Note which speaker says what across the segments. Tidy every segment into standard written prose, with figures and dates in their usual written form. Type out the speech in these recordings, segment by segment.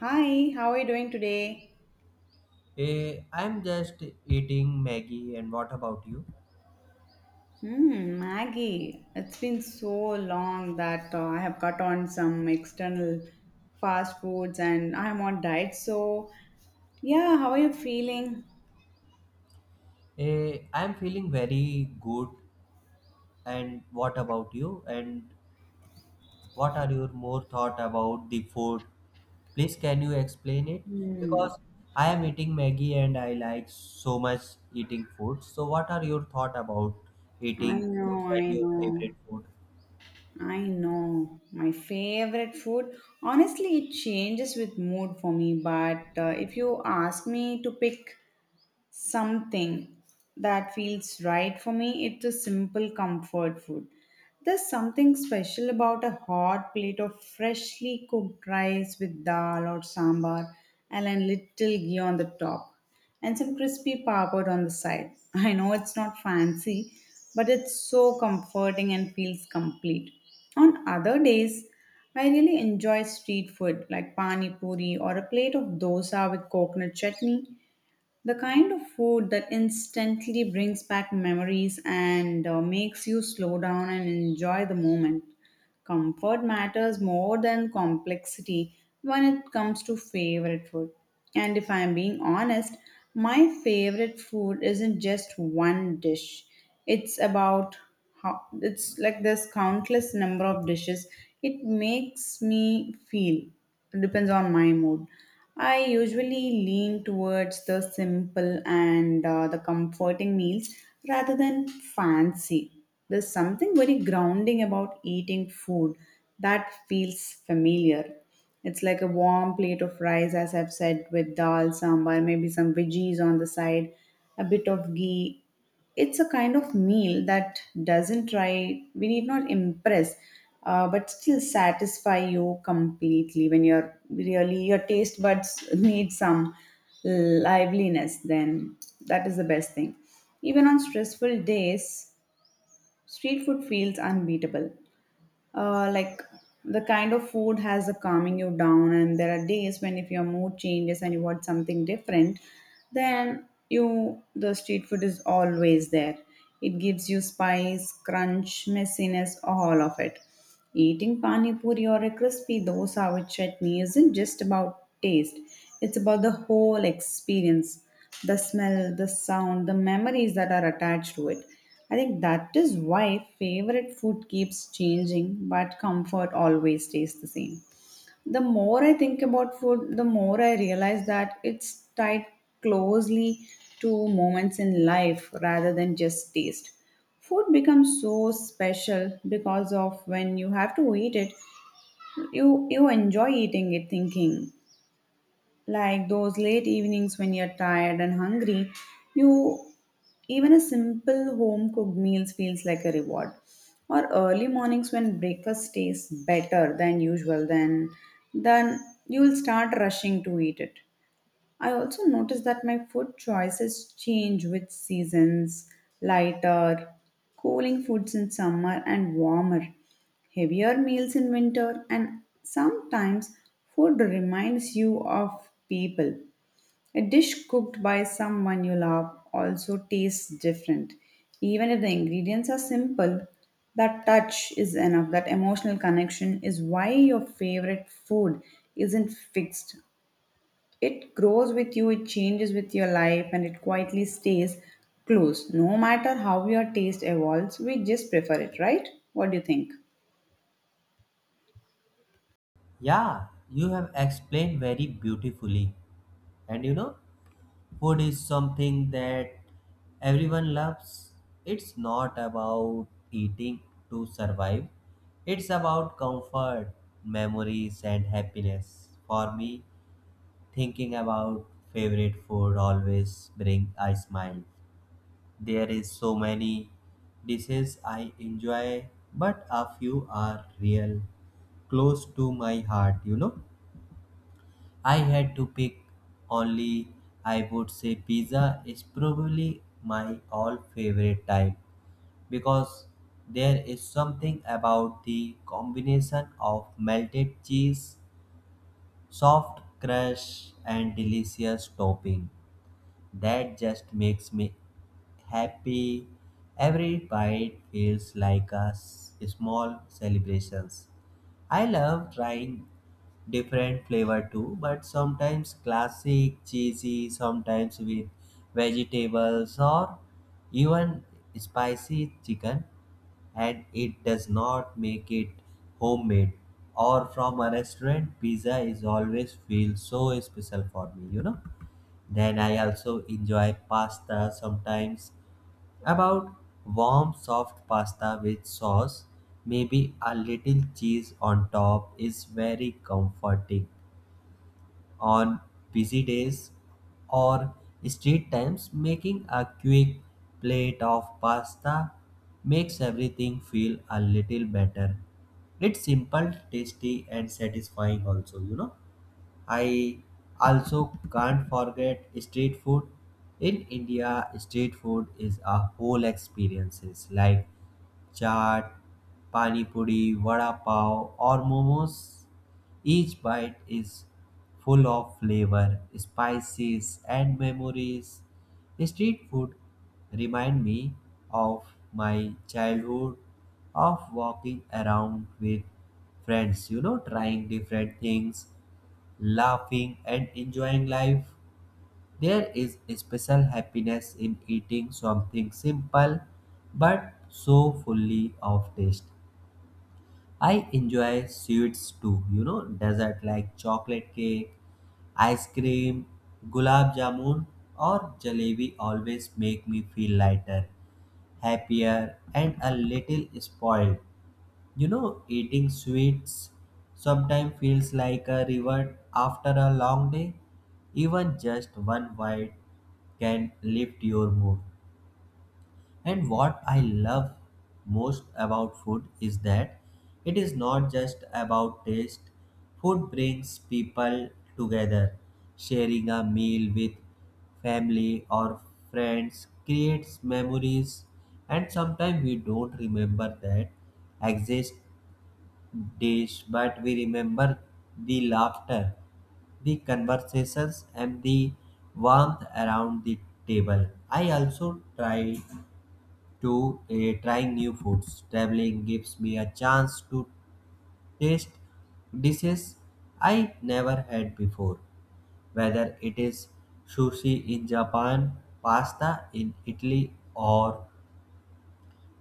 Speaker 1: Hi, how are you doing today?
Speaker 2: I'm just eating Maggie, and what about you?
Speaker 1: Hmm, Maggie, it's been so long that I have cut on some external fast foods and I'm on diet. So, yeah, how are you feeling?
Speaker 2: I'm feeling very good, and what about you? And what are your more thought about the food? Please, can you explain it?
Speaker 1: Hmm,
Speaker 2: Because I am eating Maggie, and I like so much eating food. So, what are your thought about
Speaker 1: I
Speaker 2: eating foods
Speaker 1: know,
Speaker 2: and
Speaker 1: I
Speaker 2: your favorite
Speaker 1: know,
Speaker 2: food?
Speaker 1: I know. My favorite food, honestly, it changes with mood for me. But if you ask me to pick something that feels right for me, it's a simple comfort food. There's something special about a hot plate of freshly cooked rice with dal or sambar and a little ghee on the top and some crispy papad on the side. I know it's not fancy, but it's so comforting and feels complete. On other days, I really enjoy street food like pani puri or a plate of dosa with coconut chutney, the kind of food that instantly brings back memories and makes you slow down and enjoy the moment. Comfort matters more than complexity when it comes to favorite food. And if I'm being honest, my favorite food isn't just one dish. It's about how, it's like there's countless number of dishes. It makes me feel. It depends on my mood. I usually lean towards the simple and the comforting meals rather than fancy. There's something very grounding about eating food that feels familiar. It's like a warm plate of rice, as I've said, with dal, sambar, maybe some veggies on the side, a bit of ghee. It's a kind of meal that doesn't try, we need not impress, but still satisfy you completely. When you're really, your taste buds need some liveliness, then that is the best thing. Even on stressful days, street food feels unbeatable. Like the kind of food has a calming you down, and there are days when if your mood changes and you want something different, then you the street food is always there. It gives you spice, crunch, messiness, all of it. Eating pani puri or a crispy dosa with chutney isn't just about taste, it's about the whole experience, the smell, the sound, the memories that are attached to it. I think that is why favorite food keeps changing, but comfort always stays the same. The more I think about food, the more I realize that it's tied closely to moments in life rather than just taste. Food becomes so special because of when you have to eat it, you enjoy eating it, thinking like those late evenings when you're tired and hungry, you even a simple home cooked meals feels like a reward, or early mornings when breakfast tastes better than usual. Then you will start rushing to eat it. I also notice that my food choices change with seasons, lighter, cooling foods in summer, and warmer, heavier meals in winter, and sometimes food reminds you of people. A dish cooked by someone you love also tastes different. Even if the ingredients are simple, that touch is enough. That emotional connection is why your favorite food isn't fixed. It grows with you, it changes with your life, and it quietly stays close. No matter how your taste evolves, we just prefer it, right? What do you think?
Speaker 2: Yeah, you have explained very beautifully, and you know, food is something that everyone loves. It's not about eating to survive, it's about comfort, memories, and happiness. For me, thinking about favorite food always brings a smile. There is so many dishes I enjoy, but a few are real close to my heart, you know. I had to pick only, I would say pizza is probably my all favorite type because there is something about the combination of melted cheese, soft crust, and delicious topping that just makes me happy. Every bite feels like a small celebrations. I love trying different flavor too, but sometimes classic, cheesy, sometimes with vegetables or even spicy chicken, and it does not make it homemade or from a restaurant, pizza is always feel so special for me, you know. Then I also enjoy pasta sometimes, about warm soft pasta with sauce, maybe a little cheese on top is very comforting on busy days or street times. Making a quick plate of pasta makes everything feel a little better. It's simple, tasty, and satisfying also, you know. I also can't forget street food. In India, street food is a whole experiences like chaat, pani puri, vada pav, or momos. Each bite is full of flavor, spices, and memories. Street food remind me of my childhood, of walking around with friends, you know, trying different things, laughing, and enjoying life. There is a special happiness in eating something simple but so fully of taste. I enjoy sweets too, you know, dessert like chocolate cake, ice cream, gulab jamun, or jalebi always make me feel lighter, happier, and a little spoiled. You know, eating sweets sometimes feels like a reward after a long day. Even just one bite can lift your mood. And what I love most about food is that it is not just about taste. Food brings people together. Sharing a meal with family or friends creates memories, and sometimes we don't remember that exist days, but we remember the laughter, the conversations, and the warmth around the table. I also try to trying new foods. Traveling gives me a chance to taste dishes I never had before, whether it is sushi in Japan, pasta in Italy, or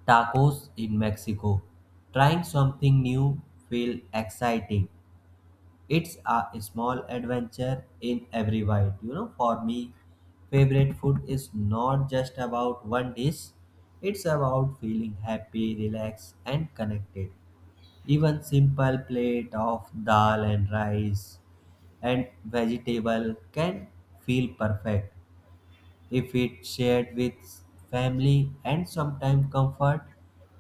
Speaker 2: tacos in Mexico. Trying something new feel exciting. It's a small adventure in every bite. You know, for me, favorite food is not just about one dish, it's about feeling happy, relaxed, and connected. Even simple plate of dal and rice and vegetable can feel perfect if it's shared with family, and sometimes comfort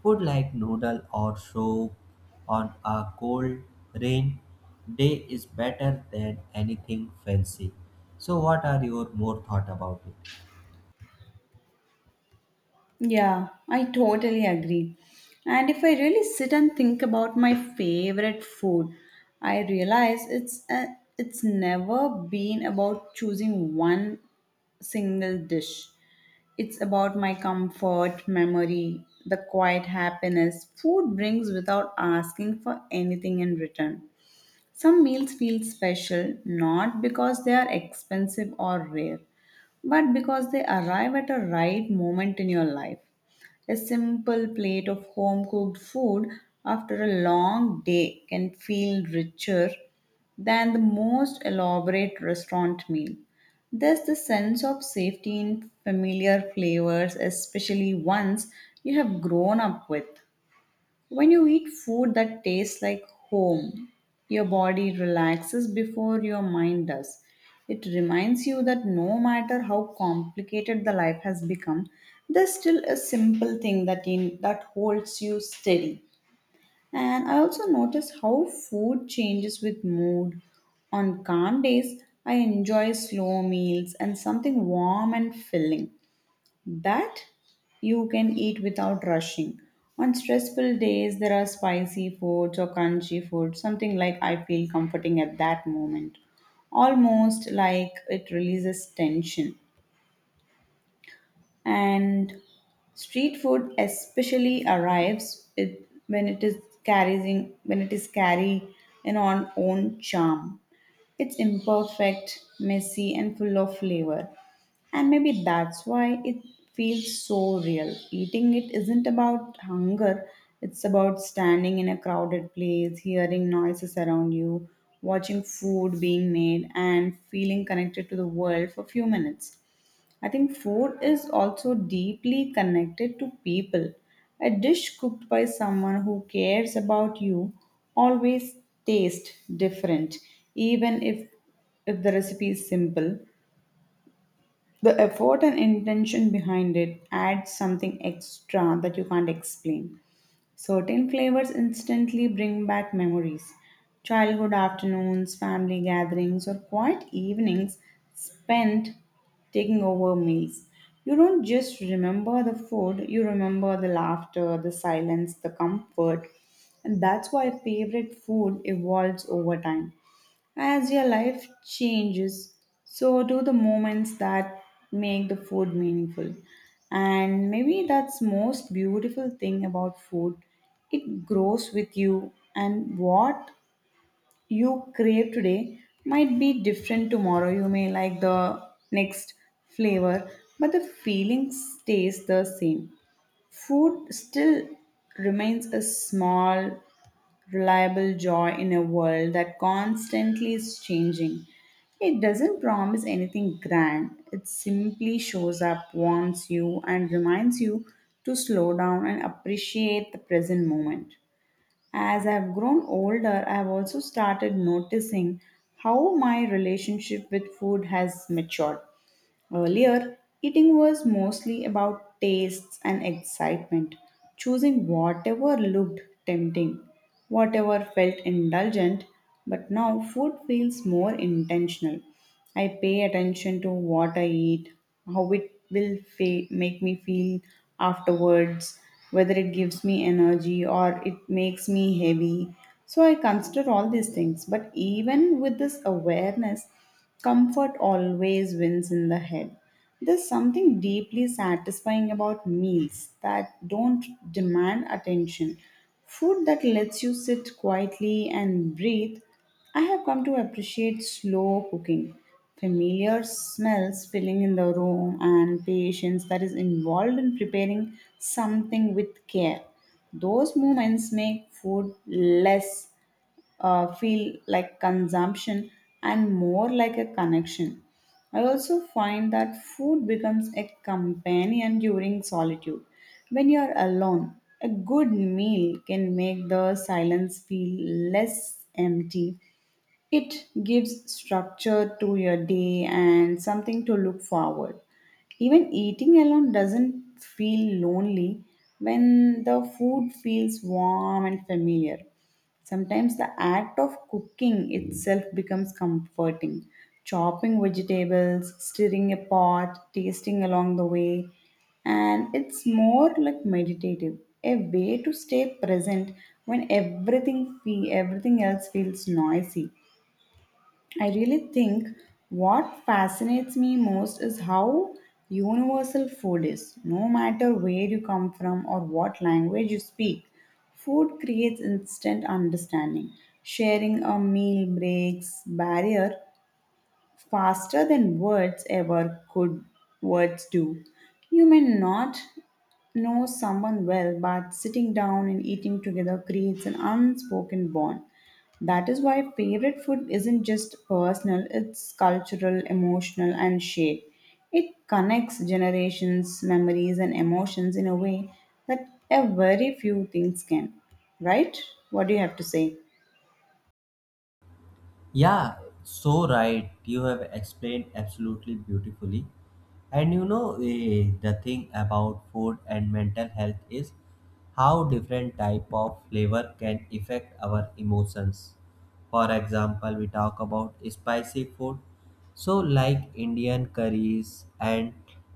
Speaker 2: food like noodle or soup on a cold rain day is better than anything fancy. So what are your more thought about it?
Speaker 1: Yeah, I totally agree. And if I really sit and think about my favorite food, I realize it's never been about choosing one single dish. It's about my comfort, memory, the quiet happiness food brings without asking for anything in return. Some meals feel special not because they are expensive or rare, but because they arrive at a right moment in your life. A simple plate of home cooked food after a long day can feel richer than the most elaborate restaurant meal. There's the sense of safety in familiar flavors, especially ones you have grown up with. When you eat food that tastes like home, your body relaxes before your mind does. It reminds you that no matter how complicated the life has become, there's still a simple thing that holds you steady. And I also notice how food changes with mood. On calm days, I enjoy slow meals and something warm and filling that you can eat without rushing. On stressful days, there are spicy foods or crunchy foods, something like I feel comforting at that moment, almost like it releases tension. And street food especially arrives it, when it is carrying when it is carry in on own charm. It's imperfect, messy, and full of flavor. And maybe that's why it feels so real. Eating it isn't about hunger, it's about standing in a crowded place, hearing noises around you, watching food being made, and feeling connected to the world for a few minutes. I think food is also deeply connected to people. A dish cooked by someone who cares about you always tastes different, even if the recipe is simple. The effort and intention behind it adds something extra that you can't explain. Certain flavors instantly bring back memories. Childhood afternoons, family gatherings, or quiet evenings spent taking over meals. You don't just remember the food, you remember the laughter, the silence, the comfort. And that's why favorite food evolves over time. As your life changes, so do the moments that make the food meaningful. And maybe that's most beautiful thing about food. It grows with you, and what you crave today might be different tomorrow. You may like the next flavor, but the feeling stays the same. Food still remains a small reliable joy in a world that constantly is changing. It doesn't promise anything grand, it simply shows up, warns you, and reminds you to slow down and appreciate the present moment. As I've grown older, I've also started noticing how my relationship with food has matured. Earlier, eating was mostly about tastes and excitement, choosing whatever looked tempting, whatever felt indulgent, but now food feels more intentional. I pay attention to what I eat, how it will make me feel afterwards, whether it gives me energy or it makes me heavy. So I consider all these things. But even with this awareness, comfort always wins in the head. There's something deeply satisfying about meals that don't demand attention. Food that lets you sit quietly and breathe. I have come to appreciate slow cooking. Familiar smells filling in the room and patience that is involved in preparing something with care. Those moments make food less feel like consumption and more like a connection. I also find that food becomes a companion during solitude. When you are alone, a good meal can make the silence feel less empty. It gives structure to your day and something to look forward. Even eating alone doesn't feel lonely when the food feels warm and familiar. Sometimes the act of cooking itself becomes comforting. Chopping vegetables, stirring a pot, tasting along the way, and it's more like meditative, a way to stay present when everything else feels noisy. I really think what fascinates me most is how universal food is. No matter where you come from or what language you speak, food creates instant understanding. Sharing a meal breaks barrier faster than words ever could words do. You may not know someone well, but sitting down and eating together creates an unspoken bond. That is why favorite food isn't just personal, it's cultural, emotional, and shared. It connects generations, memories, and emotions in a way that a very few things can. Right? What do you have to say?
Speaker 2: Yeah, so right. You have explained absolutely beautifully. And you know, the thing about food and mental health is how different type of flavor can affect our emotions. For example, we talk about spicy food. So like Indian curries and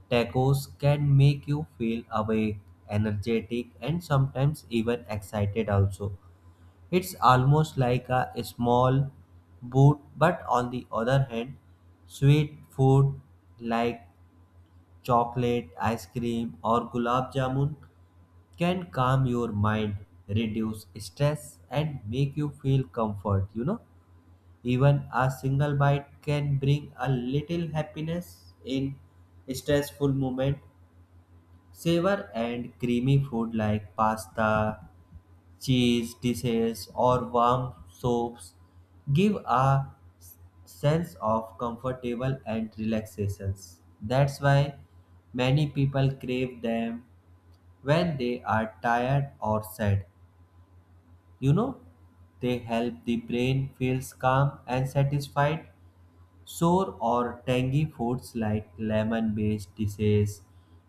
Speaker 2: tacos can make you feel awake, energetic, and sometimes even excited also. It's almost like a small boot, but on the other hand, sweet food like chocolate, ice cream, or gulab jamun can calm your mind, reduce stress, and make you feel comfort. You know, even a single bite can bring a little happiness in stressful moment. Savor and creamy food like pasta, cheese dishes, or warm soaps give a sense of comfortable and relaxations. That's why many people crave them when they are tired or sad. You know, they help the brain feels calm and satisfied. Sour or tangy foods like lemon-based dishes,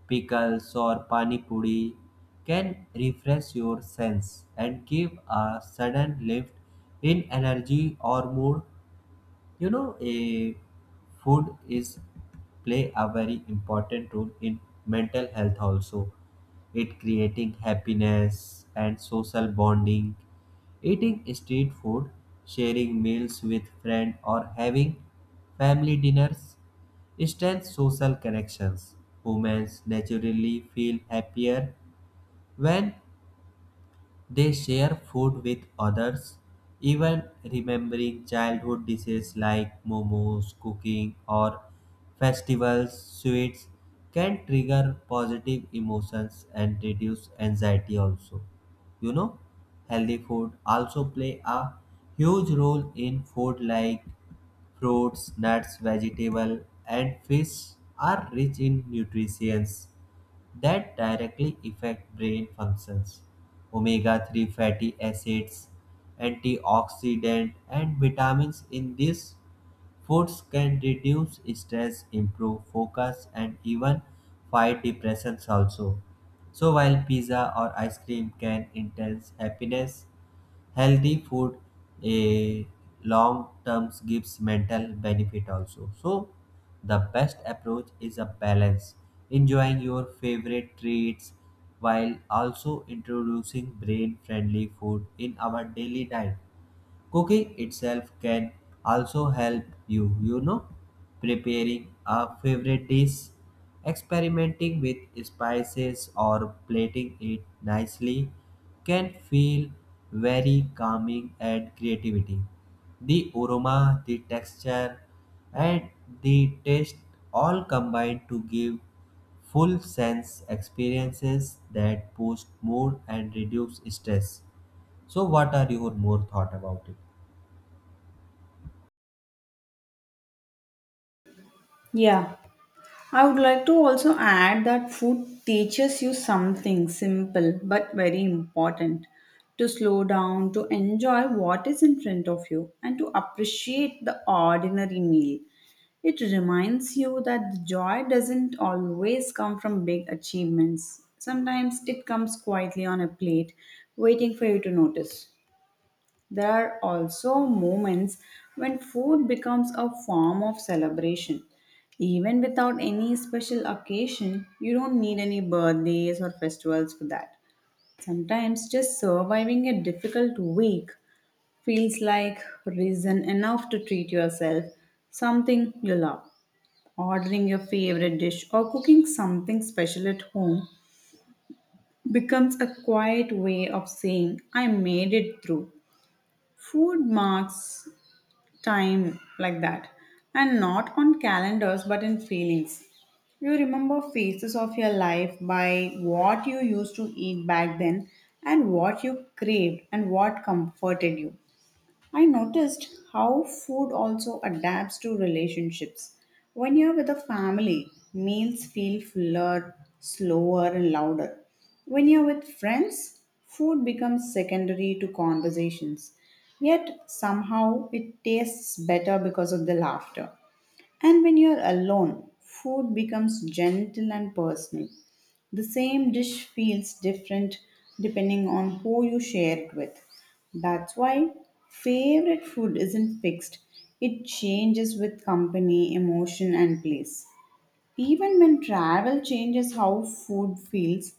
Speaker 2: pickles, or pani puri can refresh your sense and give a sudden lift in energy or mood. You know, a food is play a very important role in mental health also. It creating happiness and social bonding. Eating street food, sharing meals with friend, or having family dinners strengthens social connections. Humans naturally feel happier when they share food with others. Even remembering childhood dishes like momos, cooking, or festivals, sweets, can trigger positive emotions and reduce anxiety also. You know, healthy food also play a huge role in food like fruits, nuts, vegetable, and fish are rich in nutrients that directly affect brain functions. Omega 3 fatty acids, antioxidants, and vitamins in this foods can reduce stress, improve focus, and even fight depressions also. So while pizza or ice cream can intense happiness, healthy food a long term gives mental benefit also. So the best approach is a balance, enjoying your favorite treats while also introducing brain friendly food in our daily diet. Cooking itself can also help you, you know, preparing a favorite dish, experimenting with spices or plating it nicely can feel very calming and creativity. The aroma, the texture, and the taste all combine to give full sense experiences that boost mood and reduce stress. So, what are your more thought about it?
Speaker 1: Yeah, I would like to also add that food teaches you something simple but very important, to slow down, to enjoy what is in front of you, and to appreciate the ordinary meal. It reminds you that the joy doesn't always come from big achievements. Sometimes it comes quietly on a plate, waiting for you to notice. There are also moments when food becomes a form of celebration. Even without any special occasion, you don't need any birthdays or festivals for that. Sometimes just surviving a difficult week feels like reason enough to treat yourself something you love. Ordering your favorite dish or cooking something special at home becomes a quiet way of saying, I made it through. Food marks time like that, and not on calendars but in feelings. You remember phases of your life by what you used to eat back then and what you craved and what comforted you. I noticed how food also adapts to relationships. When you're with a family, meals feel fuller, slower, and louder. When you're with friends, food becomes secondary to conversations. Yet somehow it tastes better because of the laughter. And when you're alone, food becomes gentle and personal. The same dish feels different depending on who you share it with. That's why favorite food isn't fixed, it changes with company, emotion, and place. Even when travel changes how food feels,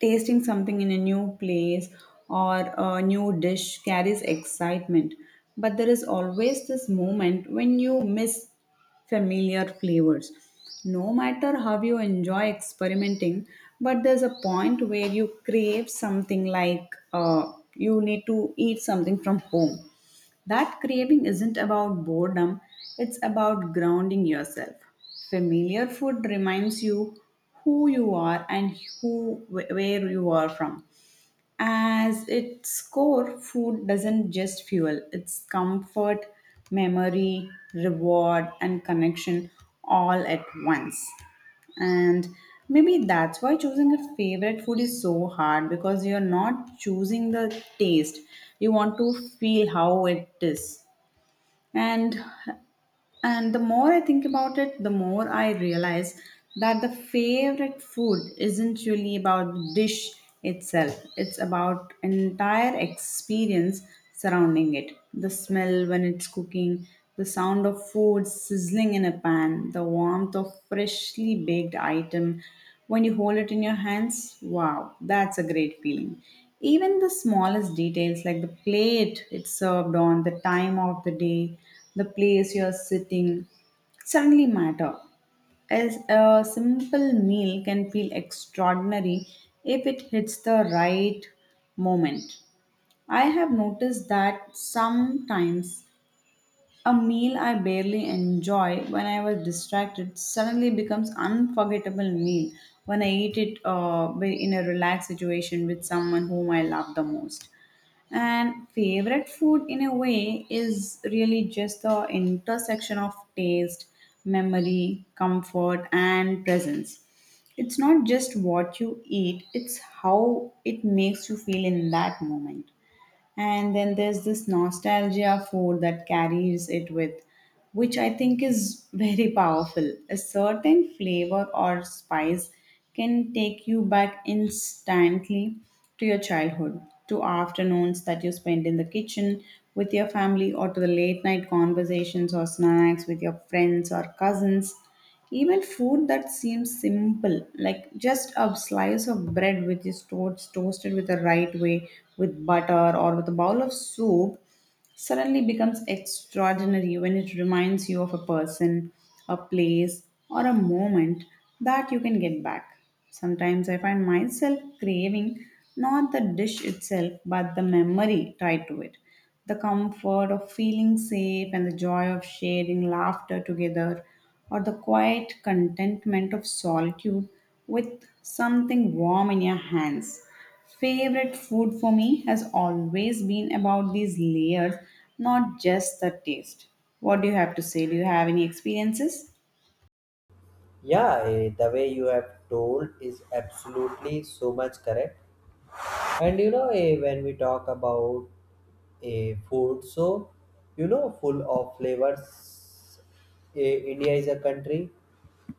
Speaker 1: tasting something in a new place or a new dish carries excitement, but there is always this moment when you miss familiar flavors. No matter how you enjoy experimenting, but there's a point where you crave something, like you need to eat something from home. That craving isn't about boredom, it's about grounding yourself. Familiar food reminds you who you are and where you are from. As its core, food doesn't just fuel, it's comfort, memory, reward, and connection all at once. And maybe that's why choosing a favorite food is so hard, because you're not choosing the taste, you want to feel how it is. And and the more I think about it, the more I realize that the favorite food isn't really about the dish itself, it's about entire experience surrounding it: the smell when it's cooking, the sound of food sizzling in a pan, the warmth of freshly baked item when you hold it in your hands. Wow, that's a great feeling. Even the smallest details like the plate it's served on, the time of the day, the place you're sitting suddenly matter. As a simple meal can feel extraordinary if it hits the right moment. I have noticed that sometimes a meal I barely enjoy when I was distracted suddenly becomes unforgettable meal when I eat it in a relaxed situation with someone whom I love the most. And favorite food, in a way, is really just the intersection of taste, memory, comfort and presence. It's not just what you eat, it's how it makes you feel in that moment. And then there's this nostalgia for that carries it with, which I think is very powerful. A certain flavor or spice can take you back instantly to your childhood, to afternoons that you spend in the kitchen with your family, or to the late night conversations or snacks with your friends or cousins. Even food that seems simple, like just a slice of bread which is toasted with the right way with butter or with a bowl of soup, suddenly becomes extraordinary when it reminds you of a person, a place, or a moment that you can get back. Sometimes I find myself craving not the dish itself but the memory tied to it. The comfort of feeling safe and the joy of sharing laughter together, or the quiet contentment of solitude with something warm in your hands. Favorite food for me has always been about these layers, not just the taste. What do you have to say? Do you have any experiences?
Speaker 2: Yeah, the way you have told is absolutely so much correct. And you know, when we talk about a food, so, you know, full of flavors, India is a country,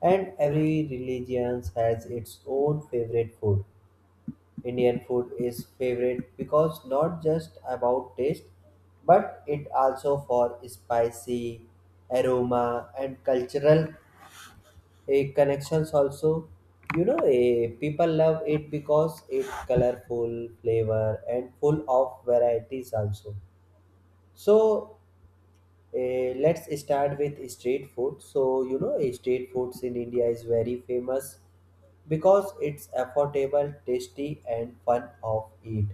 Speaker 2: and every religion has its own favorite food. Indian food is favorite because not just about taste, but it also for spicy aroma and cultural a connections also. You know, a people love it because it colorful flavor and full of varieties also. So let's start with street food. So you know, street foods in India is very famous because it's affordable, tasty, and fun of eat.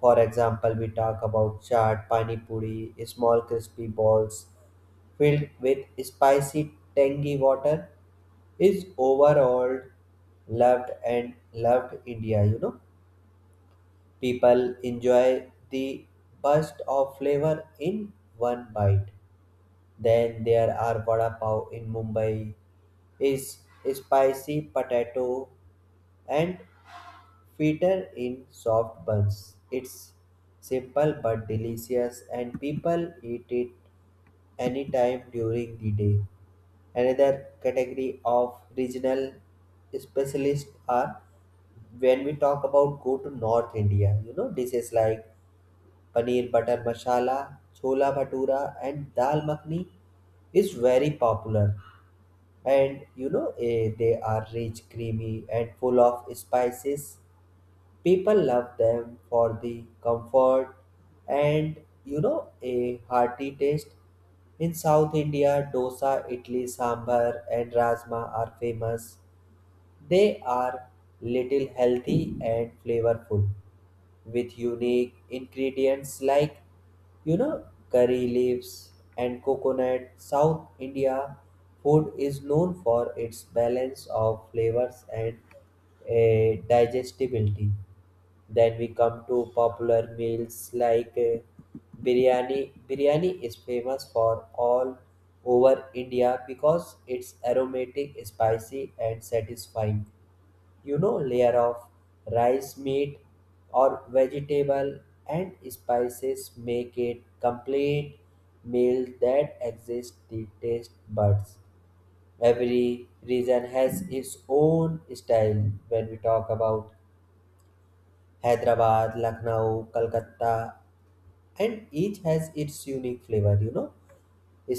Speaker 2: For example, we talk about chaat, pani puri, small crispy balls filled with spicy tangy water is overall loved and loved India, you know. People enjoy the burst of flavor in one bite. Then there are vada pav in Mumbai is spicy potato and fritter in soft buns. It's simple but delicious, and people eat it anytime during the day. Another category of regional specialists are when we talk about go to North India, you know, dishes like paneer butter masala, chola bhatura, and dal makhni is very popular. And you know, they are rich, creamy, and full of spices. People love them for the comfort, and you know, a hearty taste. In South India, dosa, idli, sambar, and rajma are famous. They are little healthy and flavorful with unique ingredients like, you know, curry leaves and coconut. South India food is known for its balance of flavors and digestibility. Then we come to popular meals like biryani. Biryani is famous for all over India because it's aromatic, spicy, and satisfying. You know, layer of rice, meat, or vegetable, and spices make it complete meal that exists the taste buds. Every region has its own style when we talk about Hyderabad, Lucknow, Calcutta, and each has its unique flavor, you know.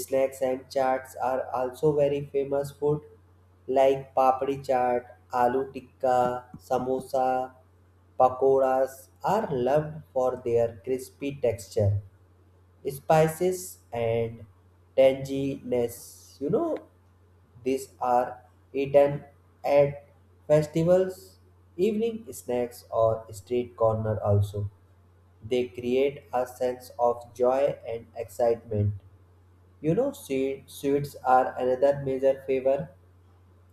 Speaker 2: Snacks and chaats are also very famous food like papdi chaat, aloo tikka, samosa, pakoras are loved for their crispy texture, spices, and tanginess. You know, these are eaten at festivals, evening snacks, or street corner also. They create a sense of joy and excitement. You know, sweets are another major favor.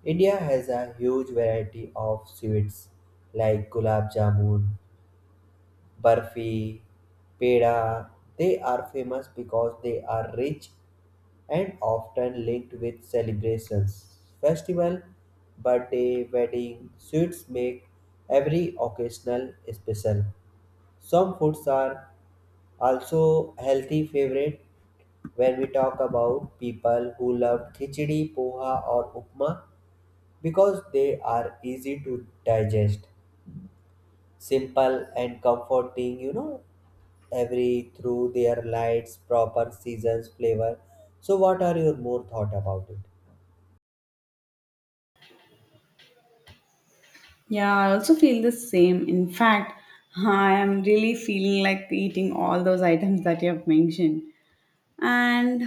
Speaker 2: India has a huge variety of sweets like gulab jamun, barfi, peda. They are famous because they are rich and often linked with celebrations, festival, birthday, wedding. Sweets make every occasional special. Some foods are also healthy favorite when we talk about people who love khichdi, poha, or upma because they are easy to digest, simple, and comforting, you know, every through their lights, proper seasons, flavor. So what are your more thought about it?
Speaker 1: Yeah, I also feel the same. In fact, I am really feeling like eating all those items that you have mentioned. And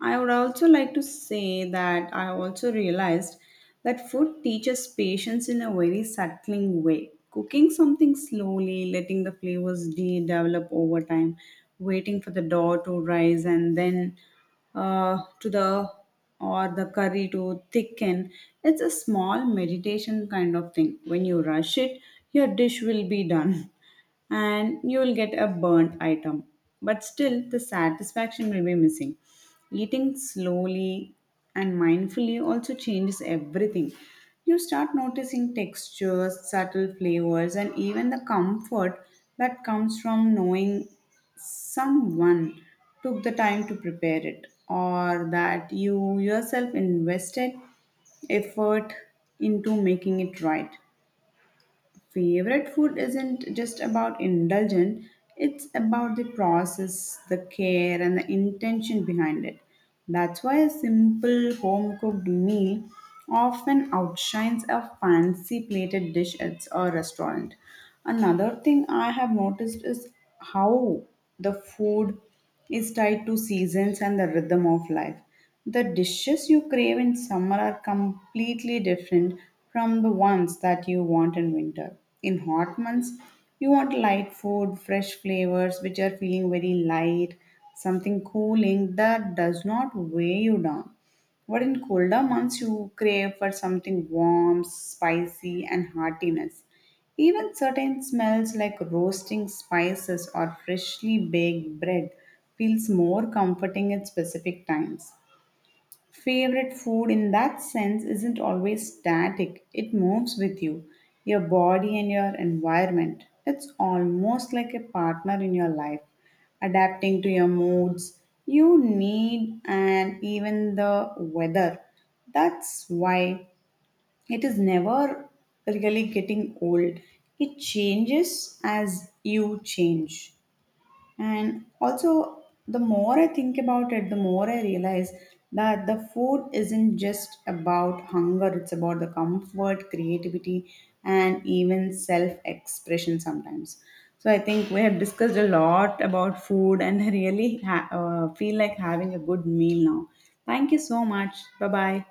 Speaker 1: I would also like to say that I also realized that food teaches patience in a very settling way. Cooking something slowly, letting the flavors develop over time, waiting for the dough to rise and then, to the or the curry to thicken. It's a small meditation kind of thing. When you rush it, your dish will be done. And you will get a burnt item. But still, the satisfaction will be missing. Eating slowly and mindfully also changes everything. You start noticing textures, subtle flavors, and even the comfort that comes from knowing someone took the time to prepare it, or that you yourself invested effort into making it right. Favorite food isn't just about indulgence, it's about the process, the care and the intention behind it. That's why a simple home cooked meal often outshines a fancy plated dish at a restaurant. Another thing I have noticed is how the food is tied to seasons and the rhythm of life. The dishes you crave in summer are completely different from the ones that you want in winter. In hot months, you want light food, fresh flavors which are feeling very light, something cooling that does not weigh you down. But in colder months, you crave for something warm, spicy, and heartiness. Even certain smells like roasting spices or freshly baked bread feels more comforting at specific times. Favorite food in that sense isn't always static, it moves with you, your body, and your environment. It's almost like a partner in your life, adapting to your moods, you need, and even the weather. That's why it is never really getting old. It changes as you change. And also, the more I think about it, the more I realize that the food isn't just about hunger, it's about the comfort, creativity, and even self expression sometimes. So, I think we have discussed a lot about food, and I really feel like having a good meal now. Thank you so much. Bye bye.